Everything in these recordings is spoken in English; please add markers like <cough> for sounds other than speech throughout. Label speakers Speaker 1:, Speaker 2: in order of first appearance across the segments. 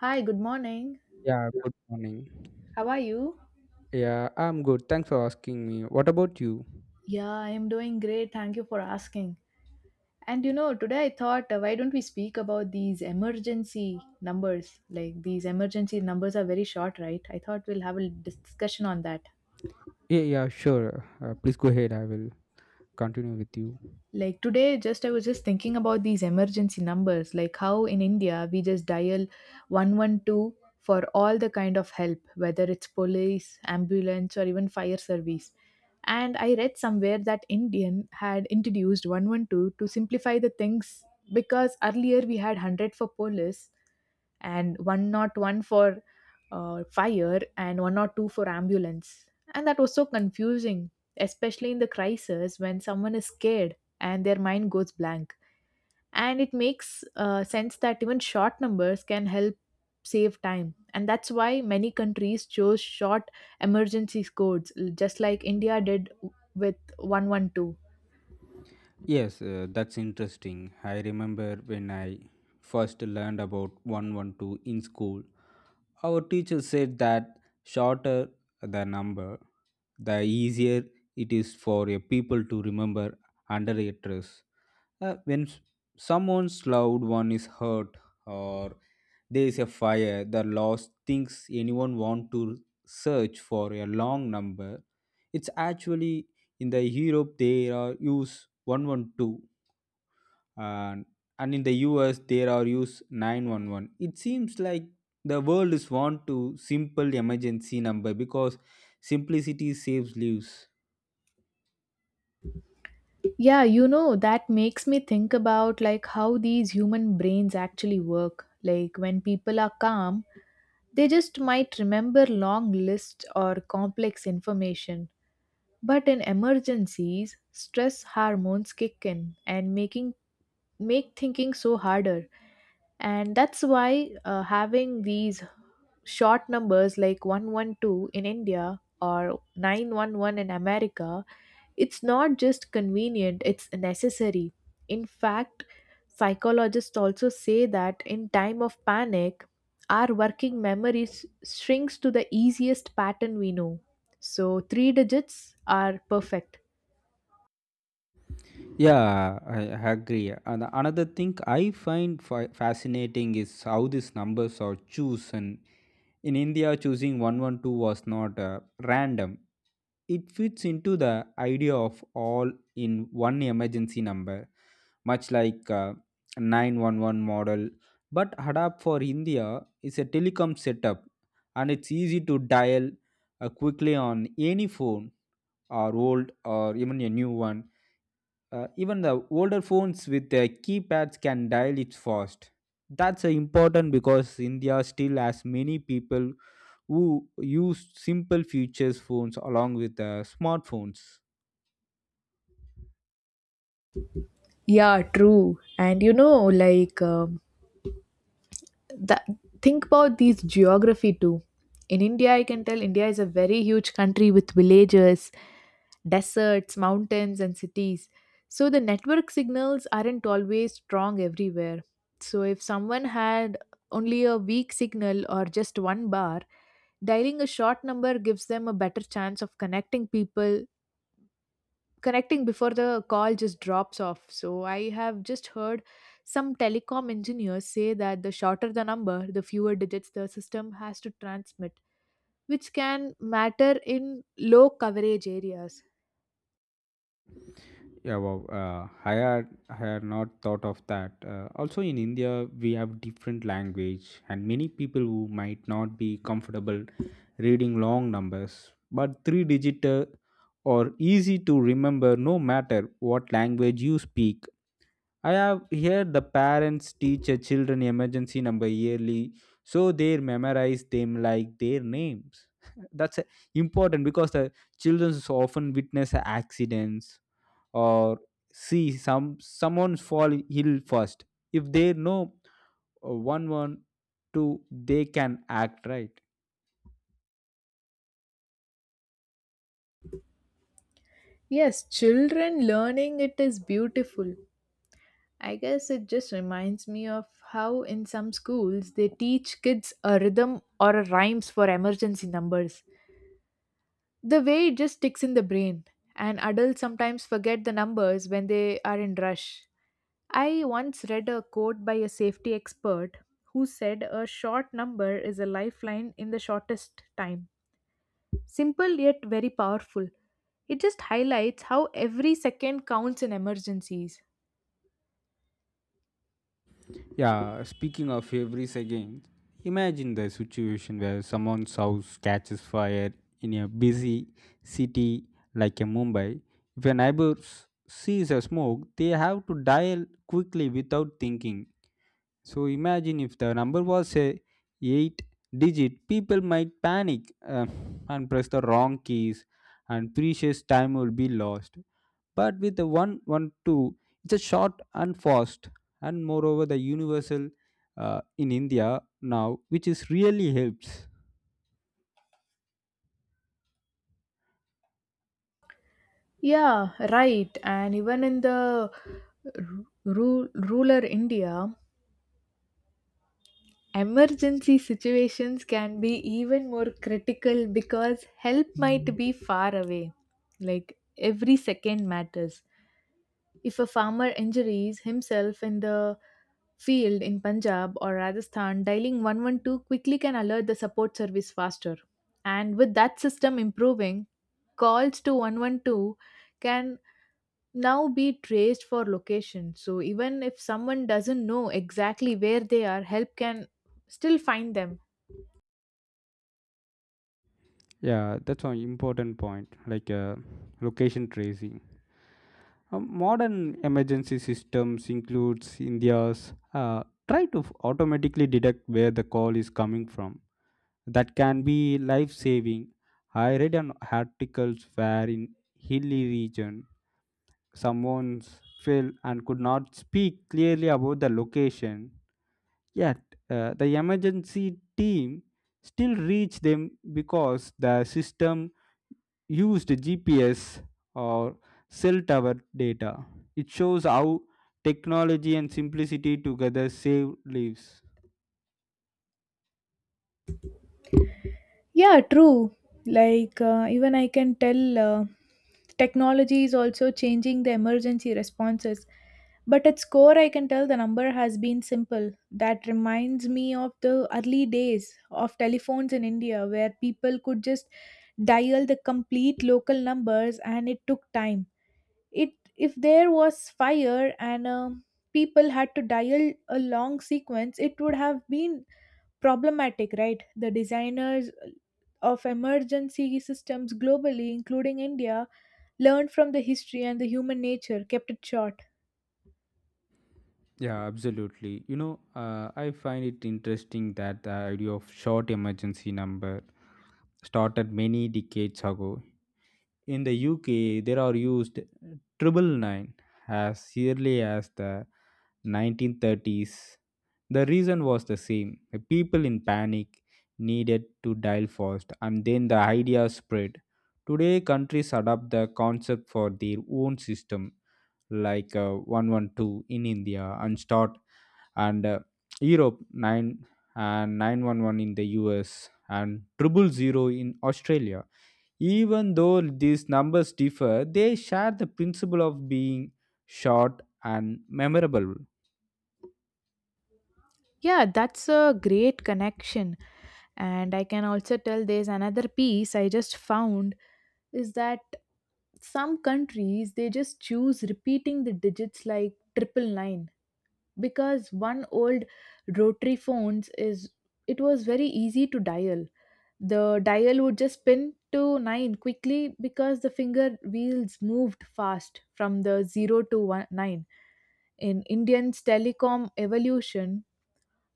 Speaker 1: Hi, good morning.
Speaker 2: Yeah, good morning.
Speaker 1: How are you?
Speaker 2: Yeah, I'm good. Thanks for asking me. What about you?
Speaker 1: Yeah, I am doing great. Thank you for asking. And you know, today I thought, why don't we speak about these emergency numbers? Like, these emergency numbers are very short, right? I thought we'll have a discussion on that.
Speaker 2: Yeah, yeah, sure. Please go ahead. I will continue with you.
Speaker 1: Like today, just I was just thinking about these emergency numbers, like how in India we just dial 112 for all the kind of help, whether it's police, ambulance, or even fire service. And I read somewhere that Indian had introduced 112 to simplify the things because earlier we had 100 for police and 101 for fire and 102 for ambulance. And that was so confusing, especially in the crisis when someone is scared and their mind goes blank. And it makes sense that even short numbers can help save time. And that's why many countries chose short emergency codes, just like India did with 112.
Speaker 2: Yes, that's interesting. I remember when I first learned about 112 in school. Our teacher said that shorter the number, the easier it is for a people to remember under a stress. Uh, when s- Someone's loved one is hurt, or there is a fire, the lost thinks anyone want to search for a long number. It's actually in the Europe they are use 112, and and in the US there are use 911. It seems like the world is want to simple emergency number because simplicity saves lives.
Speaker 1: Yeah, you know, that makes me think about like how these human brains actually work. Like when people are calm, they just might remember long lists or complex information. But in emergencies, stress hormones kick in and making make thinking so harder, and that's why having these short numbers like 112 in India or 911 in America, it's not just convenient, it's necessary. In fact, psychologists also say that in time of panic our working memory shrinks to the easiest pattern we know, so three digits are perfect.
Speaker 2: Yeah, I agree. And another thing I find fascinating is how these numbers are chosen. In India, choosing 112 was not random, it fits into the idea of all in one emergency number, much like 911 model. But Hadap for India is a telecom setup, and it's easy to dial quickly on any phone, or old or even a new one. Uh, even the older phones with keypads can dial it fast. That's important because India still has many people who use simple features phones along with smartphones.
Speaker 1: Yeah, true. And you know, like that think about these geography too. In India, I can tell India is a very huge country with villages, deserts, mountains, and cities. So the network signals aren't always strong everywhere. So if someone had only a weak signal or just one bar, dialing a short number gives them a better chance of connecting before the call just drops off. So I have just heard some telecom engineers say that the shorter the number, the fewer digits the system has to transmit, which can matter in low coverage areas.
Speaker 2: Yeah, wow. I had not thought of that. Also, in India, we have different language, and many people who might not be comfortable reading long numbers, but three-digit or easy to remember no matter what language you speak. I have here the parents teach a children emergency number yearly, so they memorize them like their names. <laughs> That's important because the children so often witness accidents, or see someone fall ill first. If they know 112, they can act right.
Speaker 1: Yes, children learning it is beautiful. I guess it just reminds me of how in some schools they teach kids a rhythm or a rhymes for emergency numbers. The way it just sticks in the brain, and adults sometimes forget the numbers when they are in rush. I once read a quote by a safety expert who said a short number is a lifeline in the shortest time. Simple yet very powerful. It just highlights how every second counts in emergencies.
Speaker 2: Yeah, speaking of February's again, imagine the situation where someone's house catches fire in a busy city like a Mumbai. If a neighbor sees a smoke, they have to dial quickly without thinking. So imagine if the number was a 8 digit, people might panic and press the wrong keys, and precious time will be lost. But with the 112, it's a short and fast, and moreover the universal in india now, which is really helps.
Speaker 1: Yeah, right. And even in the r- rural India, emergency situations can be even more critical because help might be far away. Like every second matters. If a farmer injures himself in the field in Punjab or Rajasthan, dialing 112 quickly can alert the support service faster. And with that system improving, calls to 112 can now be traced for location. So even if someone doesn't know exactly where they are, help can still find them.
Speaker 2: Yeah, that's an important point, like location tracing. Modern emergency systems includes india's uh, try to automatically detect where the call is coming from. That can be life saving. I read an articles where in hilly region, someone's fell and could not speak clearly about the location. Yet, the emergency team still reached them because the system used GPS or cell tower data. It shows how technology and simplicity together save lives.
Speaker 1: Yeah, true. Like, even I can tell technology is also changing the emergency responses. But at core, I can tell the number has been simple. That reminds me of the early days of telephones in India where people could just dial the complete local numbers, and it took time. It if there was fire and people had to dial a long sequence, it would have been problematic, right? The designers of emergency systems globally, including India, learned from the history and the human nature kept it short.
Speaker 2: Yeah, absolutely. You know, I find it interesting that the idea of short emergency number started many decades ago. In the UK, there are used triple nine as early as the 1930s. The reason was the same. The people in panic needed to dial fast, and then the idea spread. Today, countries adopt the concept for their own system, like 112 in India and start, and Europe 9, and 911 in the US, and triple zero in Australia. Even though these numbers differ, they share the principle of being short and memorable.
Speaker 1: Yeah, that's a great connection. And I can also tell there's another piece I just found is that some countries they just choose repeating the digits like triple nine because one old rotary phones, is, it was very easy to dial. The dial would just spin to 9 quickly because the finger wheels moved fast from the 0 to one, 9. In Indian's telecom evolution,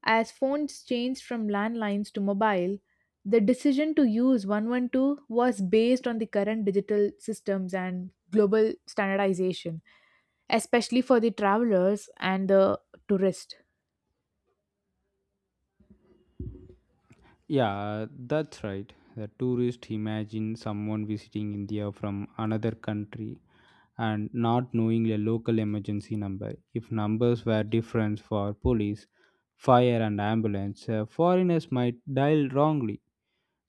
Speaker 1: as phones changed from landlines to mobile, the decision to use 112 was based on the current digital systems and global standardization, especially for the travelers and the tourists.
Speaker 2: Yeah, that's right. The tourist, imagine someone visiting India from another country and not knowing a local emergency number. If numbers were different for police, fire, and ambulance, foreigners might dial wrongly.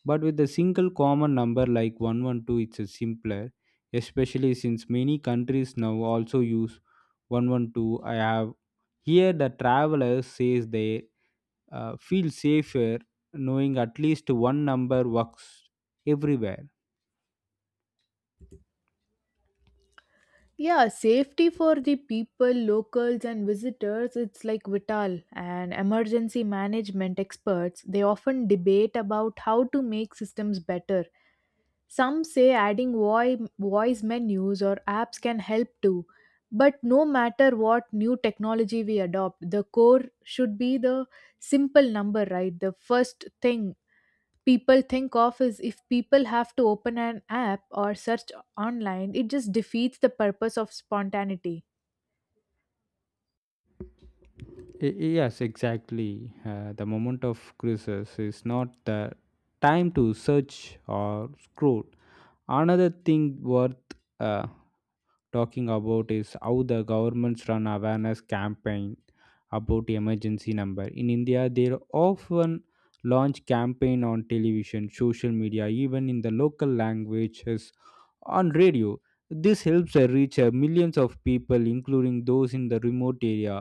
Speaker 2: But with a single common number like 112, it's a simpler, especially since many countries now also use 112. I have here the traveler says they feel safer knowing at least one number works everywhere.
Speaker 1: Yeah, safety for the people, locals, and visitors, it's like vital. And emergency management experts, they often debate about how to make systems better. Some say adding voice menus or apps can help too. But no matter what new technology we adopt, the core should be the simple number, right? The first thing people think of. Is if people have to open an app or search online, it just defeats the purpose of spontaneity.
Speaker 2: Yes, exactly. The moment of crisis is not the time to search or scroll. Another thing worth uh, talking about is how the governments run awareness campaign about emergency number. In india, they often launch campaign on television, social media, even in the local languages on radio. This helps reach millions of people, including those in the remote area.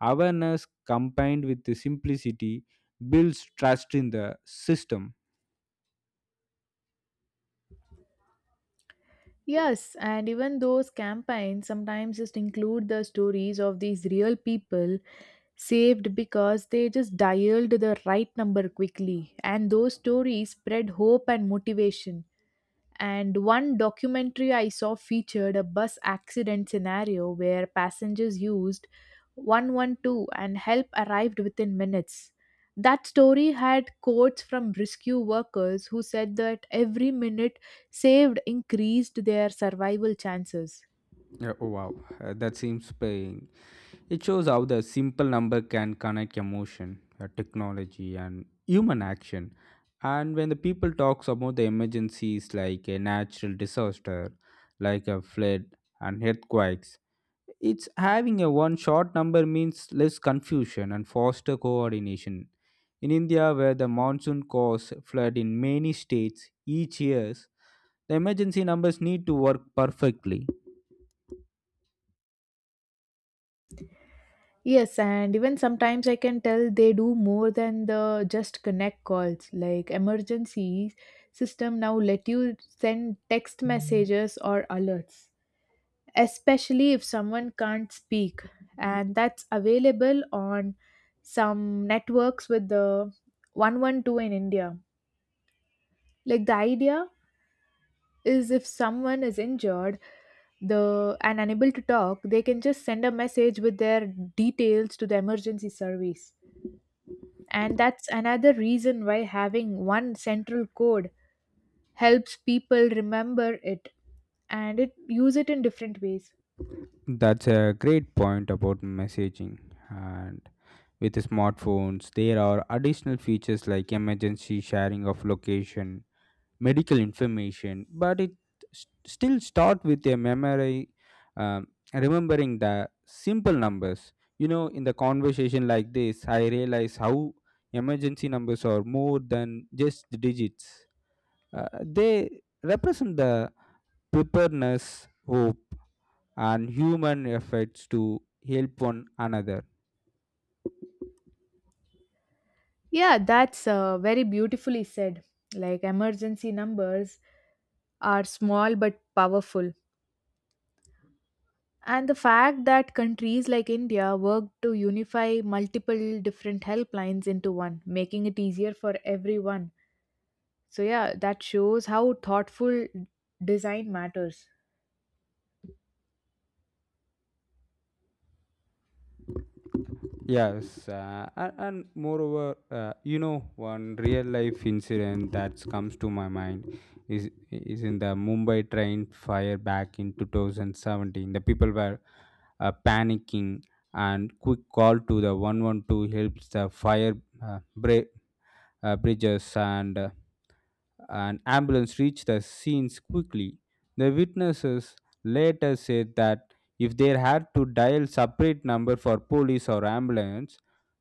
Speaker 2: Awareness combined with the simplicity builds trust in the system.
Speaker 1: Yes, and even those campaigns sometimes just include the stories of these real people saved because they just dialed the right number quickly, and those stories spread hope and motivation. And one documentary I saw featured a bus accident scenario where passengers used 112 and help arrived within minutes. That story had quotes from rescue workers who said that every minute saved increased their survival chances.
Speaker 2: Yeah. Oh, wow, that seems paying. It shows how the simple number can connect emotion, technology, and human action. And when the people talks about the emergencies like a natural disaster, like a flood and earthquakes, it's having a one short number means less confusion and foster coordination. In India, where the monsoon cause flood in many states each year, the emergency numbers need to work perfectly.
Speaker 1: Yes, and even sometimes I can tell they do more than the just connect calls. Like emergency system now let you send text messages or alerts, especially if someone can't speak, and that's available on some networks with the 112 in India. Like the idea is if someone is injured the and unable to talk, they can just send a message with their details to the emergency service. And that's another reason why having one central code helps people remember it and it use it in different ways.
Speaker 2: That's a great point about messaging. And with smartphones, there are additional features like emergency sharing of location, medical information, but it still start with a memory, um, remembering the simple numbers. You know, in the conversation like this, I realize how emergency numbers are more than just the digits. They represent the preparedness, hope, and human efforts to help one another.
Speaker 1: Yeah, that's very beautifully said. Like emergency numbers are small but powerful. And the fact that countries like India work to unify multiple different helplines into one, making it easier for everyone. So, yeah, that shows how thoughtful design matters.
Speaker 2: Yes, and moreover, you know, one real life incident that comes to my mind is in the Mumbai train fire back in 2017. The people were panicking, and quick call to the 112 helps the fire uh, bra- bridges and an ambulance reached the scenes quickly. The witnesses later said that if they had to dial separate number for police or ambulance,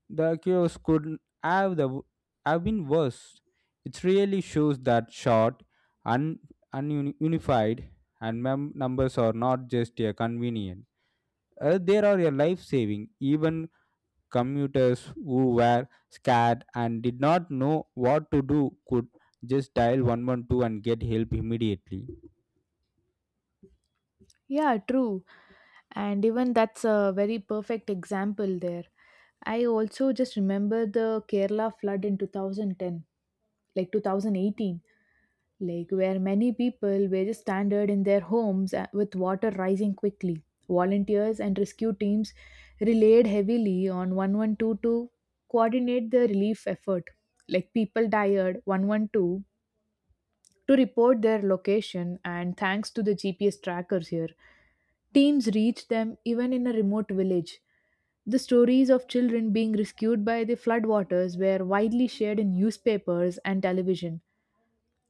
Speaker 2: the chaos could have the have been worse. It really shows that short, un, ununified, and numbers are not just a convenient. They are a life saving. Even commuters who were scared and did not know what to do could just dial 112 and get help immediately.
Speaker 1: Yeah, true. And even that's a very perfect example there. I also just remember the Kerala flood in 2010, like 2018. Like where many people were just stranded in their homes with water rising quickly. Volunteers and rescue teams relied heavily on 112 to coordinate the relief effort. Like people dialed 112 to report their location, and thanks to the GPS trackers here, teams reached them even in a remote village. The stories of children being rescued by the floodwaters were widely shared in newspapers and television.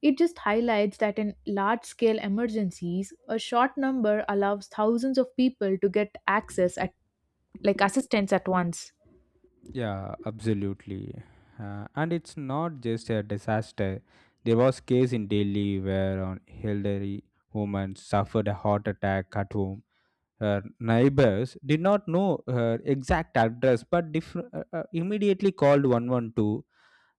Speaker 1: It just highlights that in large scale emergencies, a short number allows thousands of people to get access at like assistance at once.
Speaker 2: Yeah, absolutely. And it's not just a disaster. There was case in Delhi where an elderly woman suffered a heart attack at home. Her neighbors did not know her exact address, but immediately called 112.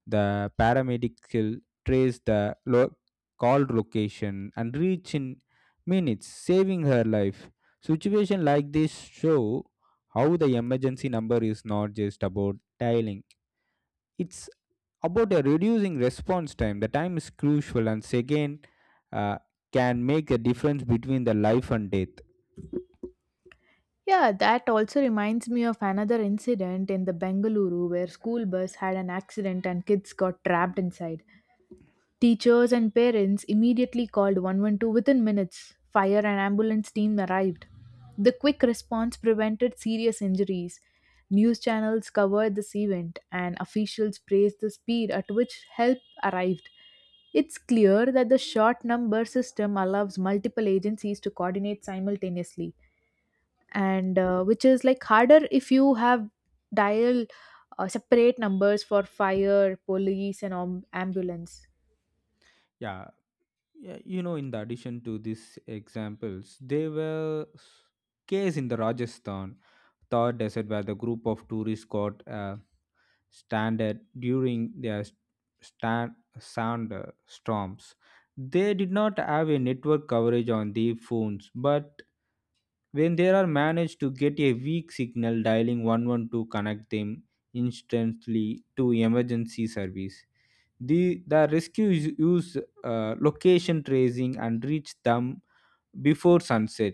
Speaker 2: The paramedical trace the lo- called location and reach in minutes, saving her life. Situation like this show how the emergency number is not just about dialing; it's about a reducing response time. The time is crucial, and second uh, can make a difference between the life and death.
Speaker 1: Yeah, that also reminds me of another incident in the Bengaluru where school bus had an accident and kids got trapped inside. Teachers and parents immediately called 112 within minutes. Fire and ambulance team arrived. The quick response prevented serious injuries. News channels covered this event, and officials praised the speed at which help arrived. It's clear that the short number system allows multiple agencies to coordinate simultaneously, and which is like harder if you have dial separate numbers for fire, police, and ambulance.
Speaker 2: Yeah. Yeah, you know, in the addition to these examples, there were case in the Rajasthan Thar Desert, where the group of tourists got stranded during their stand, sound storms. They did not have a network coverage on their phones, but when they are managed to get a weak signal, dialing 112 connect them instantly to emergency service. The rescues use location tracing and reach them before sunset.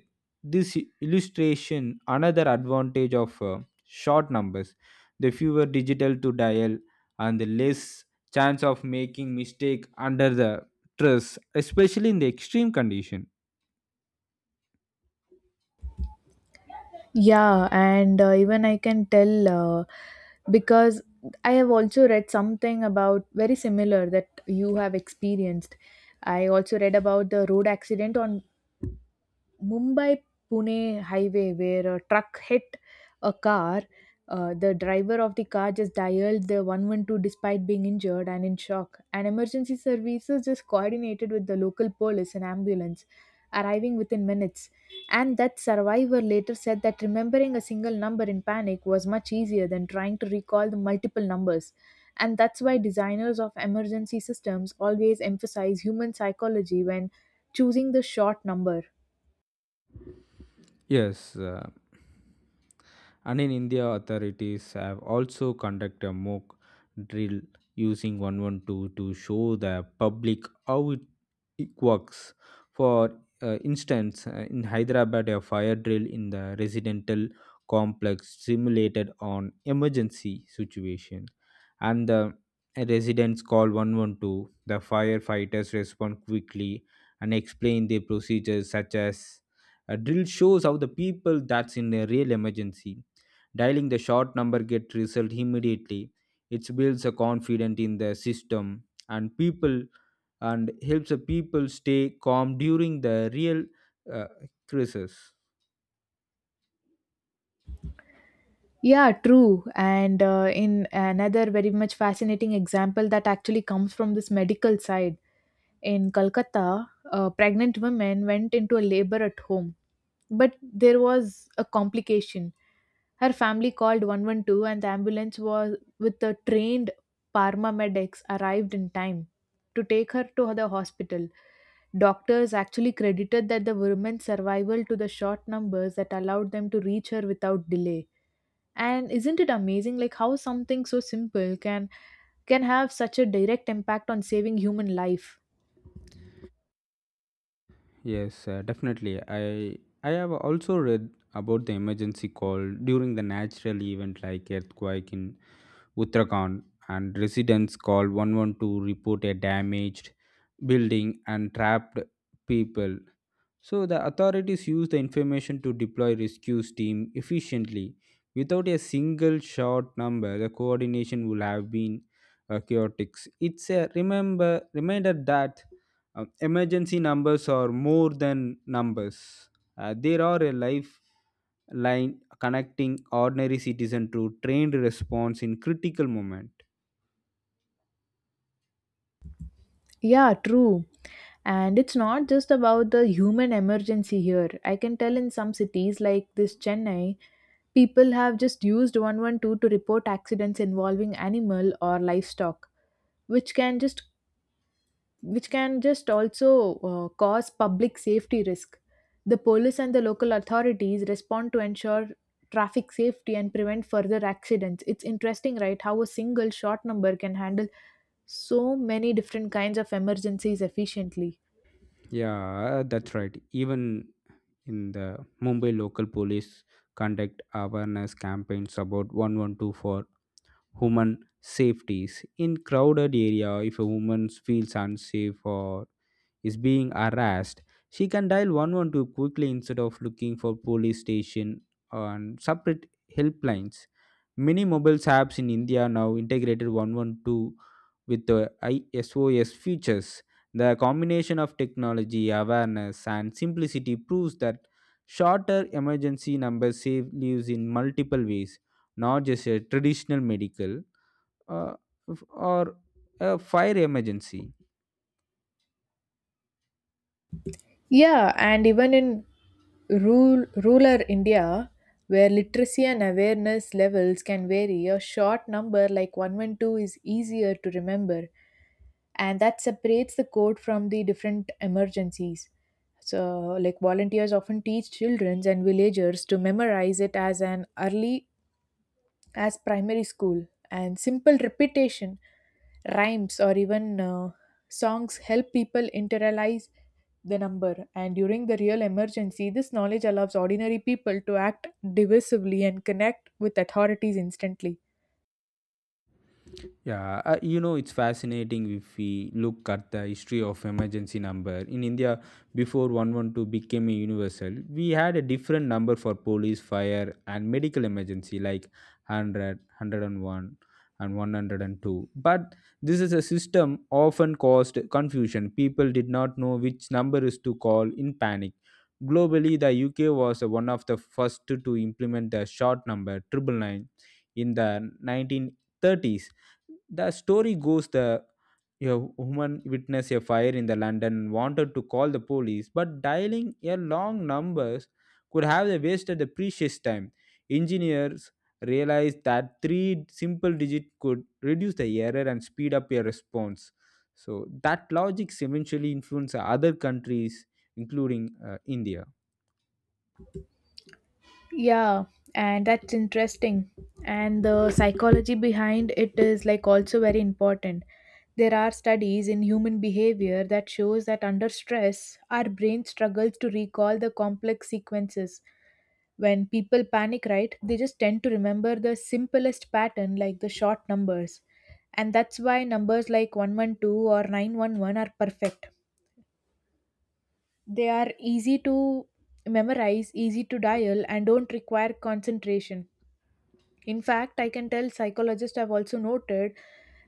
Speaker 2: This illustration another advantage of short numbers. The fewer digital to dial, and the less chance of making mistake under the stress, especially in the extreme condition.
Speaker 1: Yeah, and even I can tell because I have also read something about very similar that you have experienced. I also read about the road accident on Mumbai Pune highway where a truck hit a car. The driver of the car just dialed the 112 despite being injured and in shock. And emergency services just coordinated with the local police and ambulance, arriving within minutes. And that survivor later said that remembering a single number in panic was much easier than trying to recall the multiple numbers. And that's why designers of emergency systems always emphasize human psychology when choosing the short number.
Speaker 2: Yes, and in India, authorities have also conducted a mock drill using 112 to show the public how it works. For instance, in Hyderabad, a fire drill in the residential complex simulated an emergency situation, and the residents call 112. The firefighters respond quickly and explain their procedures, such as a drill shows how the people that's in a real emergency. Dialing the short number get result immediately. It builds a confidence in the system and people, and helps the people stay calm during the real uh, crisis.
Speaker 1: Yeah, true. And in another very much fascinating example that actually comes from this medical side, in Calcutta, pregnant women went into a labor at home. But there was a complication. Her family called 112 and the ambulance was with the trained paramedics arrived in time to take her to the hospital. Doctors actually credited that the woman's survival to the short numbers that allowed them to reach her without delay. And isn't it amazing like how something so simple can have such a direct impact on saving human life.
Speaker 2: Yes, definitely. I have also read about the emergency call during the natural event like earthquake in Uttarakhand, and residents called 112 to report a damaged building and trapped people. So the authorities used the information to deploy rescue team efficiently. Without a single short number, the coordination would have been chaotic. It's a remember reminder that emergency numbers are more than numbers. There are a life line connecting ordinary citizen to trained response in critical moment.
Speaker 1: Yeah, true. And it's not just about the human emergency here. I can tell in some cities like this Chennai, people have just used 112 to report accidents involving animal or livestock, which can just which can just also cause public safety risk. The police and the local authorities respond to ensure traffic safety and prevent further accidents. It's interesting, right? How a single short number can handle so many different kinds of emergencies efficiently.
Speaker 2: Yeah, that's right. Even in the mumbai local police conduct awareness campaigns about 112 for human safeties in crowded area. If a woman feels unsafe or is being harassed, she can dial 112 quickly instead of looking for police station and separate helplines. Many mobile apps in india now integrated 112 with the ISOS features. The combination of technology, awareness, and simplicity proves that shorter emergency numbers save lives in multiple ways, not just a traditional medical uh, or a fire emergency.
Speaker 1: Yeah, and even in rural India, where literacy and awareness levels can vary, a short number like 112 is easier to remember, and that separates the code from the different emergencies. So, like volunteers often teach children and villagers to memorize it as an early as primary school, and simple repetition, rhymes, or even songs help people internalize the number. And during the real emergency, this knowledge allows ordinary people to act divisively and connect with authorities instantly.
Speaker 2: Yeah, you know, it's fascinating if we look at the history of emergency number. In India, before 112 became a universal, we had a different number for police, fire, and medical emergency like 100, and 102. But this is a system often caused confusion. People did not know which number is to call in panic. Globally, the UK was one of the first to implement the short number 999 in the 1930s. The story goes the a woman witnessed a fire in the London and wanted to call the police, but dialing a long numbers could have wasted the precious time. Engineers realized that three simple digits could reduce the error and speed up a response. So that logic eventually influenced other countries, including India.
Speaker 1: Yeah, and that's interesting. And the psychology behind it is like also very important. There are studies in human behavior that shows that under stress, our brain struggles to recall the complex sequences. When people panic, right, they just tend to remember the simplest pattern like the short numbers. And that's why numbers like 112 or 911 are perfect. They are easy to memorize, easy to dial, and don't require concentration. In fact, I can tell psychologists have also noted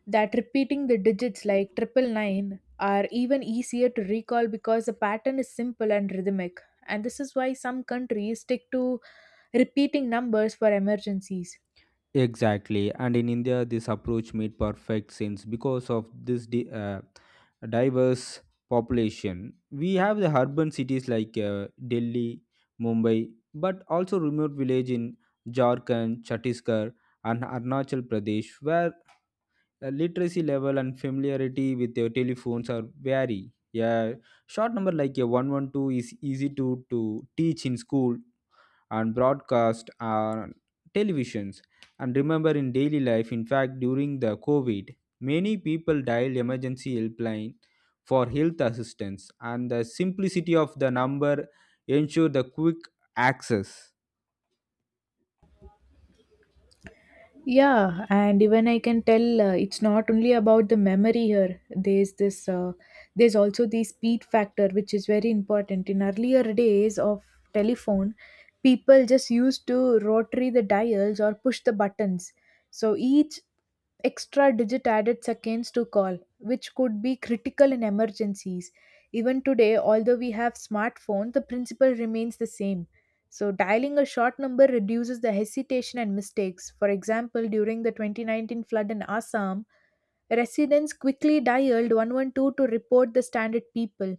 Speaker 1: that repeating the digits like 999 are even easier to recall because the pattern is simple and rhythmic. And this is why some countries stick to repeating numbers for emergencies.
Speaker 2: Exactly, and in India, this approach made perfect sense because of this diverse population. We have the urban cities like Delhi, Mumbai, but also remote village in Jharkhand, Chhattisgarh, and Arunachal Pradesh, where literacy level and familiarity with their telephones are vary. Yeah, short number like a 112 is easy to teach in school and broadcast on televisions. And remember, in daily life, in fact, during the COVID, many people dialed emergency helpline for health assistance, and the simplicity of the number ensured the quick access.
Speaker 1: Yeah, and even I can tell it's not only about the memory here. There's there's also the speed factor, which is very important. In earlier days of telephone, people just used to rotary the dials or push the buttons. So each extra digit added seconds to call, which could be critical in emergencies. Even today, although we have smartphones, the principle remains the same. So dialing a short number reduces the hesitation and mistakes. For example, during the 2019 flood in Assam, residents quickly dialed 112 to report the stranded people,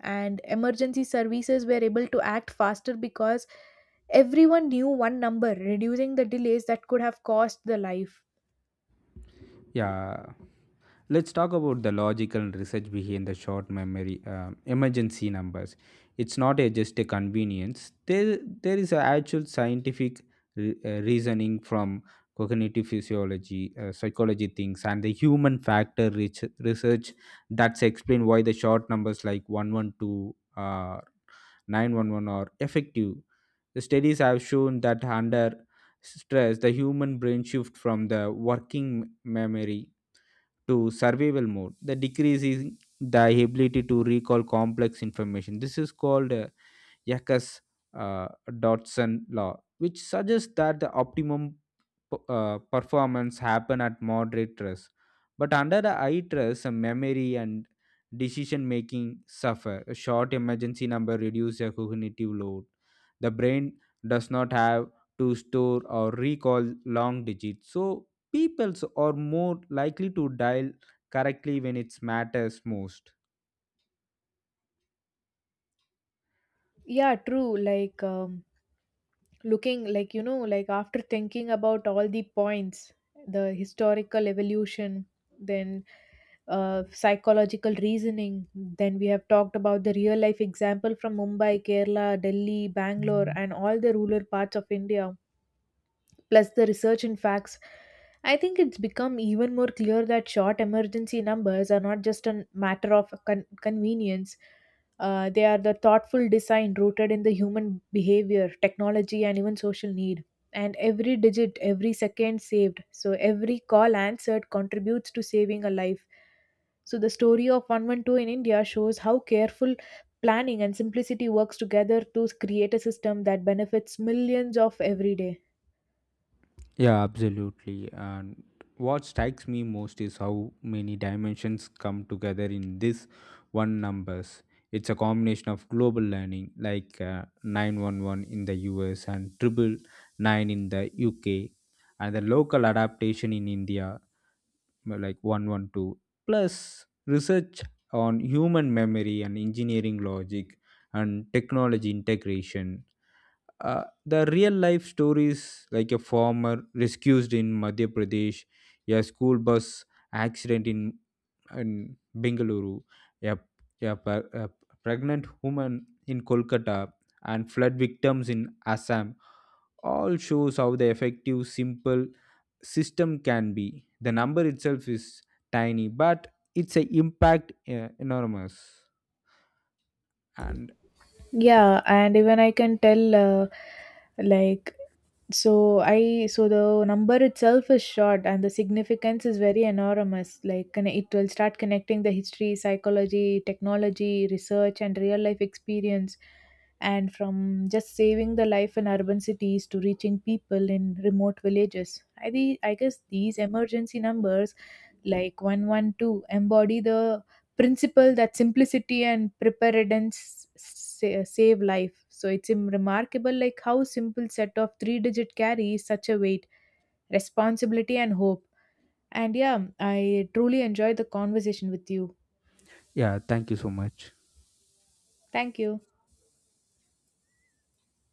Speaker 1: and emergency services were able to act faster because everyone knew one number, reducing the delays that could have cost the life.
Speaker 2: Yeah, let's talk about the logical and research behind the short memory emergency numbers. It's not a, just a convenience. There is an actual scientific reasoning from cognitive physiology, psychology things, and the human factor research that's explain why the short numbers like 112, or 911 are effective. The studies have shown that under stress, the human brain shift from the working memory to survival mode. The decrease is the ability to recall complex information. This is called Yakas uh, Dodson law, which suggests that the optimum performance happen at moderate stress, but under the high stress, memory and decision making suffer. A short emergency number reduces your cognitive load. The brain does not have to store or recall long digits, so peoples are more likely to dial correctly when it matters most.
Speaker 1: Yeah, true. Like looking, like you know, like after thinking about all the points, the historical evolution, then psychological reasoning, then we have talked about the real life example from Mumbai, Kerala, Delhi, Bangalore, and all the rural parts of India plus the research and facts. I think it's become even more clear that short emergency numbers are not just a matter of convenience. They are the thoughtful design rooted in the human behavior, technology, and even social need. And every digit, every second saved, so every call answered contributes to saving a life. So the story of 112 in India shows how careful planning and simplicity works together to create a system that benefits millions of every day.
Speaker 2: Yeah, absolutely. And what strikes me most is how many dimensions come together in this one numbers. It's a combination of global learning, like 911 in the US and triple nine in the UK, and the local adaptation in India, like 112, plus research on human memory and engineering logic and technology integration. The real life stories like a farmer rescued in Madhya Pradesh, a school bus accident in Bengaluru, a, a pregnant woman in Kolkata, and flood victims in Assam all shows how the effective simple system can be. The number itself is tiny, but its a impact enormous. And
Speaker 1: Yeah, and even I can tell, like, so the number itself is short, and the significance is very enormous. Like, it will start connecting the history, psychology, technology, research, and real life experience, and from just saving the life in urban cities to reaching people in remote villages. I guess these emergency numbers, like 112, embody the principle that simplicity and preparedness save life. So it's remarkable like how simple set of three digit carries such a weight, responsibility and hope. And yeah, I truly enjoyed the conversation with you.
Speaker 2: yeah, thank you so much.
Speaker 1: Thank you.